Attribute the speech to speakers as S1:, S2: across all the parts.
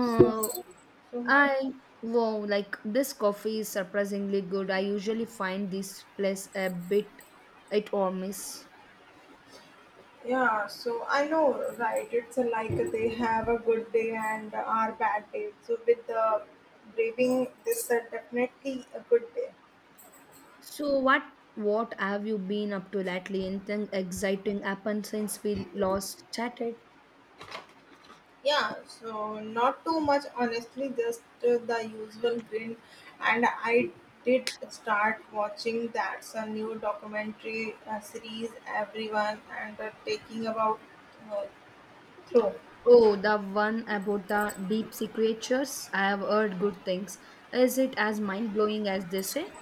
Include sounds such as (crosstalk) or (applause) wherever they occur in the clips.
S1: So, so high.
S2: I wow, like this coffee is surprisingly good. I usually find this place a bit hit or miss.
S1: Yeah, so I know, right? It's like they have a good day and our bad day. So with the braving this, definitely a good day.
S2: So what have you been up to lately? Anything exciting happened since we last chatted?
S1: Yeah, so not too much, honestly, just the usual grin. And I did start watching that's a new documentary series, everyone, and taking about uh, through.
S2: Oh, the one about the deep sea creatures. I have heard good things. Is it as mind blowing as they say?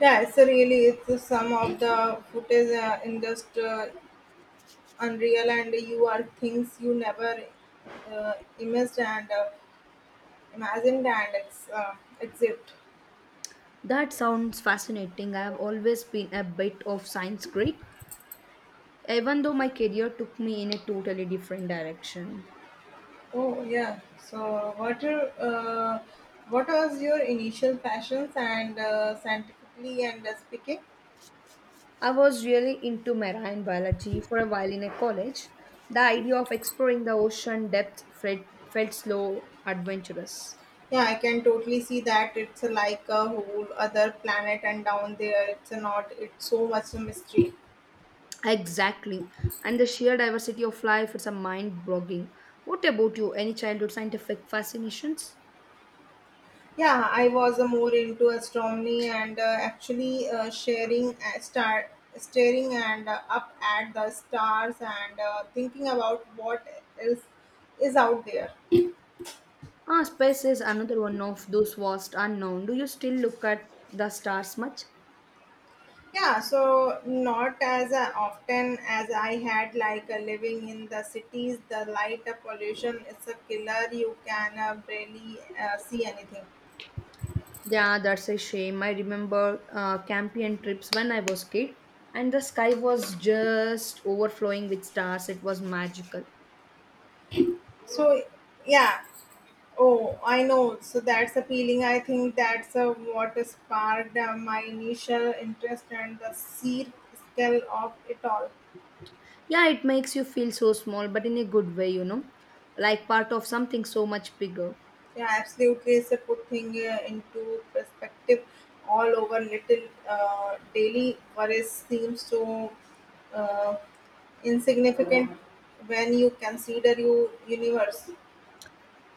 S1: Yeah, so really, it's some of the footage in just. Unreal and you are things you never uh, imaged and imagined and exist.
S2: That sounds fascinating. I have always been a bit of science geek, even though my career took me in a totally different direction.
S1: Oh, yeah, so what are uh, what was your initial passions and scientifically and speaking.
S2: I was really into marine biology for a while in a college. The idea of exploring the ocean depth felt slow, adventurous.
S1: Yeah, I can totally see that. It's like a whole other planet, and down there it's not, it's so much a mystery.
S2: Exactly. And the sheer diversity of life, it's a mind blogging. What about you? Any childhood scientific fascinations?
S1: Yeah, I was more into astronomy and actually sharing star staring and up at the stars and thinking about what is is out there.
S2: Ah, space is another one of those vast unknown. Do you still look at the stars much?
S1: Yeah, so not as often as I had like living in the cities, the light pollution is a killer. You can barely see anything.
S2: Yeah, that's a shame. I remember campaign trips when I was kid, and the sky was just overflowing with stars. It was magical.
S1: So, yeah. Oh, I know. So that's appealing. I think that's what sparked my initial interest and the sheer scale of it all.
S2: Yeah, it makes you feel so small, but in a good way, you know, like part of something so much bigger.
S1: Yeah, absolutely. It's a put thing into perspective, all over little daily worries seems so uh, insignificant when you consider your universe.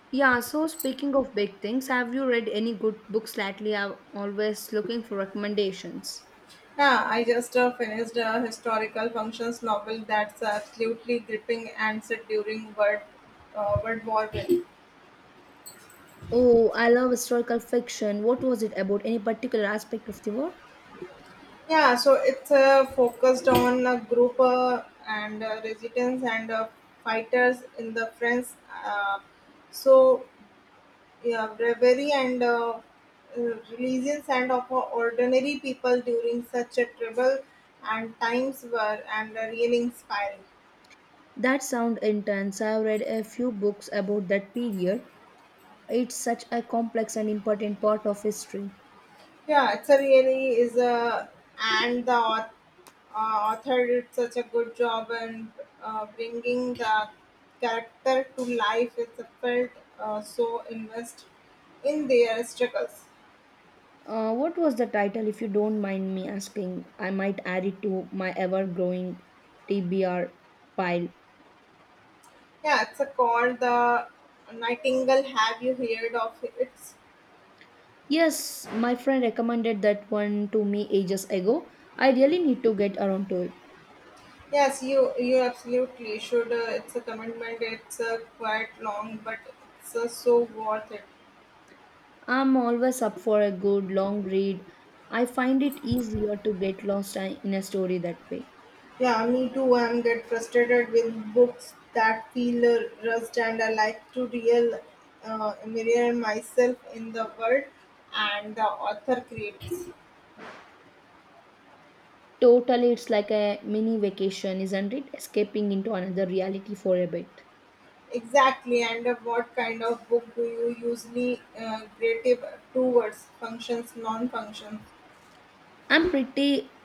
S2: Yeah, so speaking of big things, have you read any good books lately? I'm always looking for recommendations.
S1: Yeah, I just finished a historical functions novel that's absolutely gripping and set during World War I.
S2: Oh, I love historical fiction. What was it about? Any particular aspect of the war?
S1: Yeah, so it's focused on a group and resistance and fighters in the French. Uh, so, yeah, bravery and uh, religions and of ordinary people during such a trouble and times were and really inspiring.
S2: That sound intense. I've read a few books about that period. It's such a complex and important part of history.
S1: Yeah, it's a really is a and the author did such a good job in bringing the character to life. It's a felt so invest in their struggles.
S2: What was the title, if you don't mind me asking? I might add it to my ever growing TBR pile.
S1: Yeah, it's a called the Nightingale. Have you heard of it?
S2: Yes, my friend recommended that one to me ages ago. I really need to get around to it.
S1: Yes, you absolutely should. It's a commitment. It's quite long, but it's so worth it.
S2: I'm always up for a good long read. I find it easier to get lost in a story that way.
S1: Yeah, me too. I'm get frustrated with books that feel rushed, and I like to real mirror myself in the world and the author creates.
S2: Totally, it's like a mini vacation, isn't it? Escaping into another reality for a bit.
S1: Exactly. And what kind of book do you usually creative towards functions, non-functions?
S2: I'm pretty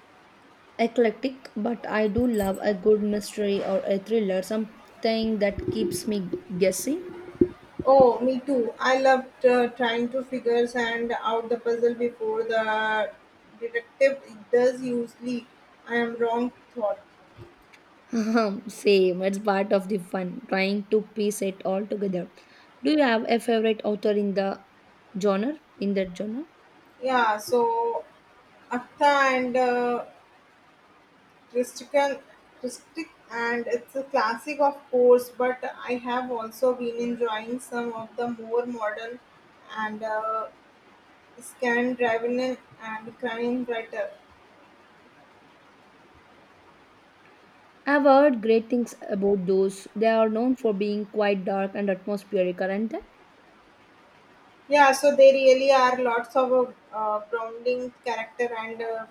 S2: eclectic, but I do love a good mystery or a thriller, something that keeps me guessing.
S1: Oh, me too. I loved trying to figures and out the puzzle before the detective does. Usually, I am wrong thought.
S2: (laughs) Same, it's part of the fun, trying to piece it all together. Do you have a favorite author in the genre? In that genre?
S1: Yeah, so Atta and Tristan, Tristic, and it's a classic, of course, but I have also been enjoying some of the more modern and Scandinavian and crime writer.
S2: I've heard great things about those. They are known for being quite dark and atmospheric, aren't they?
S1: Yeah, so there really are lots of grounding character and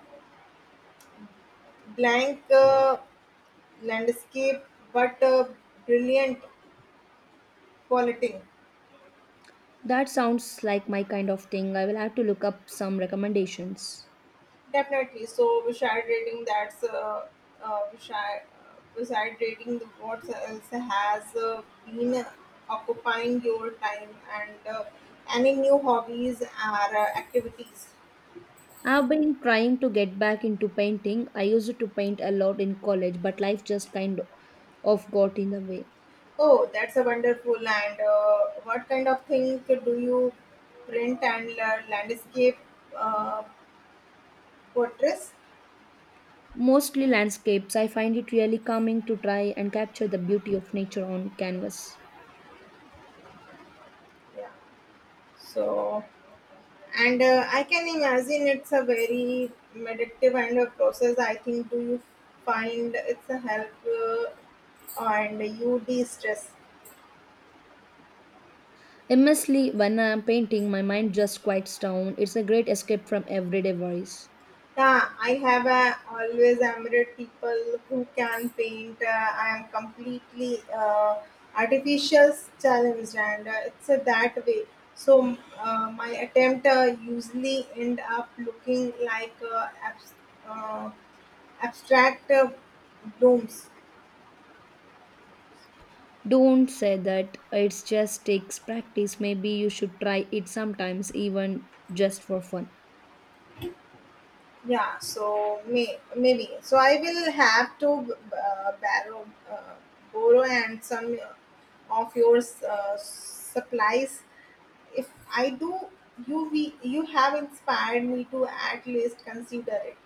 S1: blank landscape, but brilliant quality.
S2: That sounds like my kind of thing. I will have to look up some recommendations.
S1: Definitely. So beside reading, that's uh, beside, beside reading the what else has been occupying your time and any new hobbies or activities.
S2: I've been trying to get back into painting. I used to paint a lot in college, but life just kind of got in the way.
S1: Oh, that's a wonderful. And what kind of thing do you print and landscape uh, portraits?
S2: Mostly landscapes, I find it really calming to try and capture the beauty of nature on canvas.
S1: Yeah. So. And I can imagine it's a very meditative and a process. I think, do you find it's a help and you de-stress?
S2: Immensely, when I'm painting, my mind just quiets down. It's a great escape from everyday worries.
S1: Yeah, I have a always admired people who can paint. I am completely artificial challenged, and it's that way. So my attempt usually end up looking like uh, abstract blooms.
S2: Don't say that it just takes practice. Maybe you should try it sometimes, even just for fun.
S1: Yeah, so maybe. So I will have to borrow and some of your supplies. If I do, you have inspired me to at least consider it.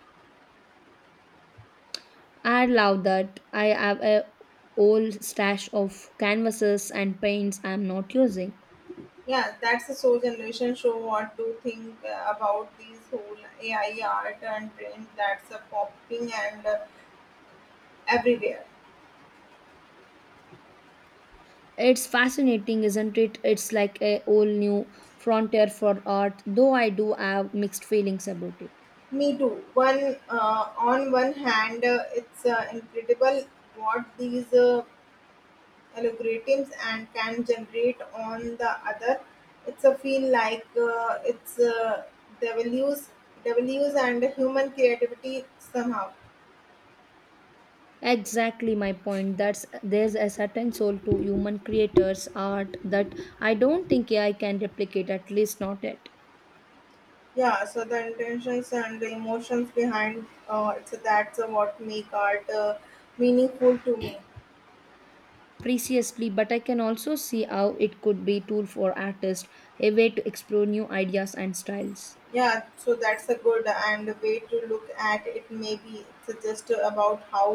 S2: I love that. I have a old stash of canvases and paints I'm not using.
S1: Yeah, that's a so generation show what to think about these whole AI art and trend that's a popping and everywhere.
S2: It's fascinating, isn't it? It's like a whole new frontier for art, though I do have mixed feelings about it.
S1: Me too. One On one hand, it's incredible what these algorithms and can generate on the other. It's a feel like it's values devalues and human creativity somehow.
S2: Exactly my point. That's there's a certain soul to human creators' art that I don't think AI can replicate, at least not yet.
S1: Yeah, so the intentions and the emotions behind that's what make art meaningful to me.
S2: Preciously, but I can also see how it could be tool for artists, a way to explore new ideas and styles.
S1: Yeah, so that's a good and way to look at it. Maybe it's just about how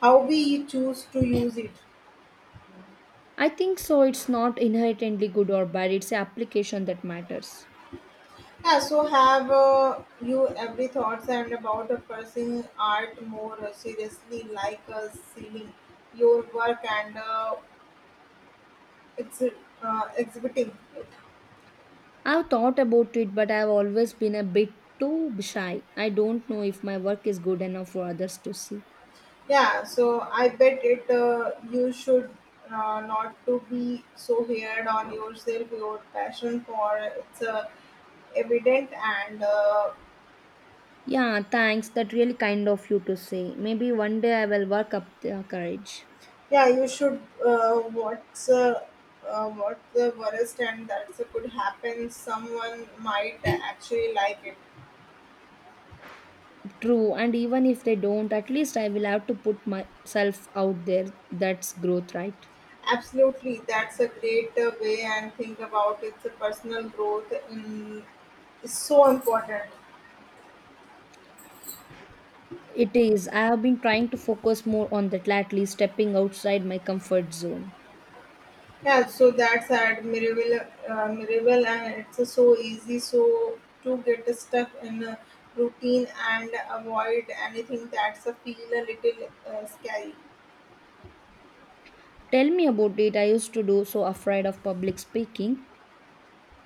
S1: how we choose to use it.
S2: I think so. It's not inherently good or bad, it's the application that matters.
S1: Yeah, so have you every thoughts and about pursuing art more seriously, like seeing your work and ex- exhibiting it?
S2: I've thought about it, but I've always been a bit too shy. I don't know if my work is good enough for others to see.
S1: Yeah, so I bet it you should not to be so hard on yourself. Your passion for it's evident and
S2: Yeah, thanks. That really kind of you to say. Maybe one day I will work up the courage.
S1: Yeah, you should. What's uh, what's the worst and that's could happen? Someone might actually like it.
S2: True, and even if they don't, at least I will have to put myself out there. That's growth, right?
S1: Absolutely, that's a great way and think about it. The personal growth in, is so important.
S2: It is. I have been trying to focus more on that lately, stepping outside my comfort zone.
S1: Yeah, so that's admirable, and it's so easy. So to get stuck in a routine and avoid anything that's a feel a little scary.
S2: Tell me about it. I used to do so afraid of public speaking,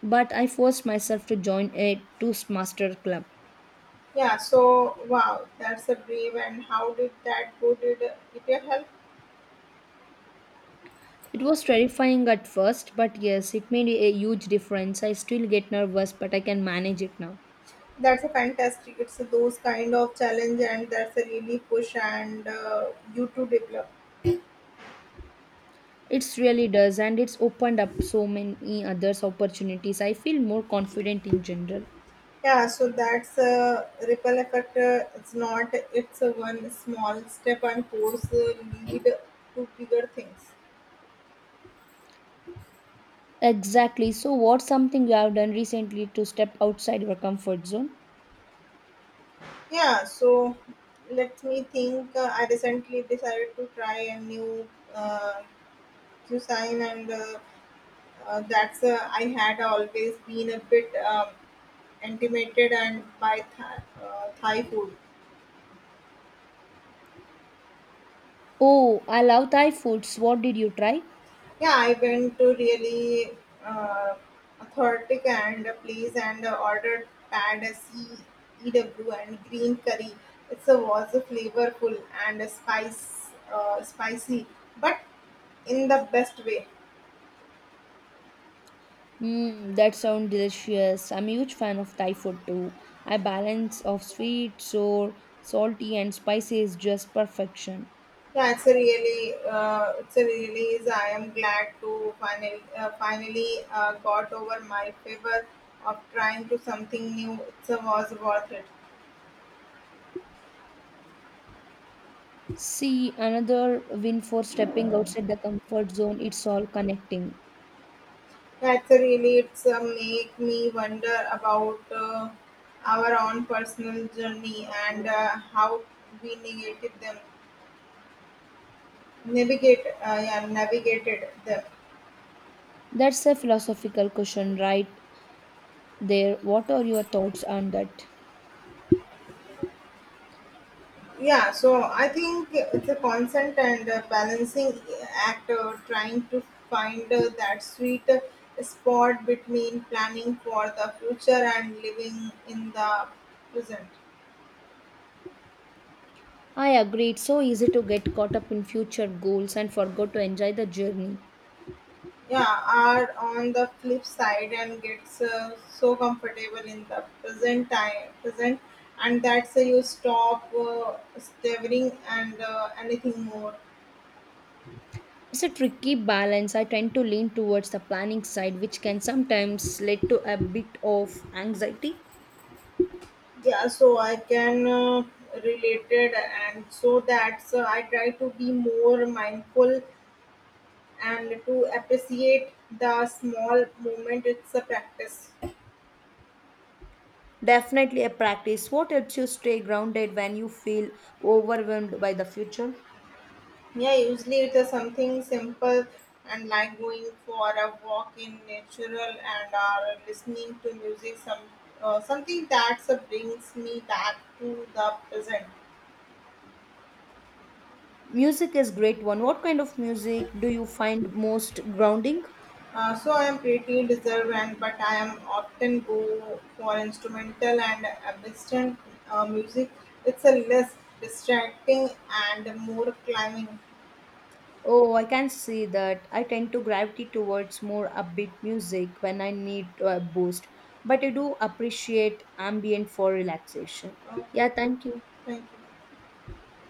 S2: but I forced myself to join a Toastmaster club.
S1: Yeah, so wow, that's a brave and how did that go? Did it your help?
S2: It was terrifying at first, but yes, it made a huge difference. I still get nervous, but I can manage it now.
S1: That's a fantastic. It's those kind of challenge and that's a really push and you to develop.
S2: It really does, and it's opened up so many others opportunities. I feel more confident in general.
S1: Yeah, so that's a ripple effect. It's not. It's a one small step and force lead to bigger things.
S2: Exactly. So, what's something you have done recently to step outside your comfort zone?
S1: Yeah, so let me think. I recently decided to try a new uh, cuisine and that's I had always been a bit intimidated and by Thai food.
S2: Oh, I love Thai foods. What did you try?
S1: Yeah, I went to really uh, authentic and a place and ordered pad CEW and green curry. It's a was a flavorful and a spice spicy, but in the best way.
S2: Mm, that sounds delicious. I'm a huge fan of Thai food too. I balance of sweet, sour, salty, and spicy is just perfection.
S1: Yeah, it's a really, it's a release. I am glad to finally got over my favor of trying to something new. It was worth it.
S2: See, another win for stepping outside the comfort zone, it's all connecting.
S1: Yeah, it's a make me wonder about our own personal journey and how we negated them, navigate, yeah, navigated them.
S2: That's a philosophical question right there. What are your thoughts on that?
S1: Yeah, so I think it's a constant and balancing act trying to find that sweet spot between planning for the future and living in the present.
S2: I agree. It's so easy to get caught up in future goals and forgot to enjoy the journey.
S1: Yeah, are on the flip side and gets so comfortable in the present, and that's you stop staring and anything more.
S2: It's a tricky balance. I tend to lean towards the planning side, which can sometimes lead to a bit of anxiety.
S1: Yeah, so I can relate it and so that's I try to be more mindful and to appreciate the small moment. It's a practice.
S2: Definitely a practice. What helps you stay grounded when you feel overwhelmed by the future?
S1: Yeah, usually it is something simple and like going for a walk in natural and listening to music, something that brings me back to the present.
S2: Music is great one. What kind of music do you find most grounding?
S1: So I am pretty reserved, and but I am often go for instrumental and ambient music. It's a less distracting and more climbing.
S2: Oh, I can see that. I tend to gravitate towards more upbeat music when I need a boost, but I do appreciate ambient for relaxation. Yeah,
S1: Okay,
S2: thank you.
S1: thank you.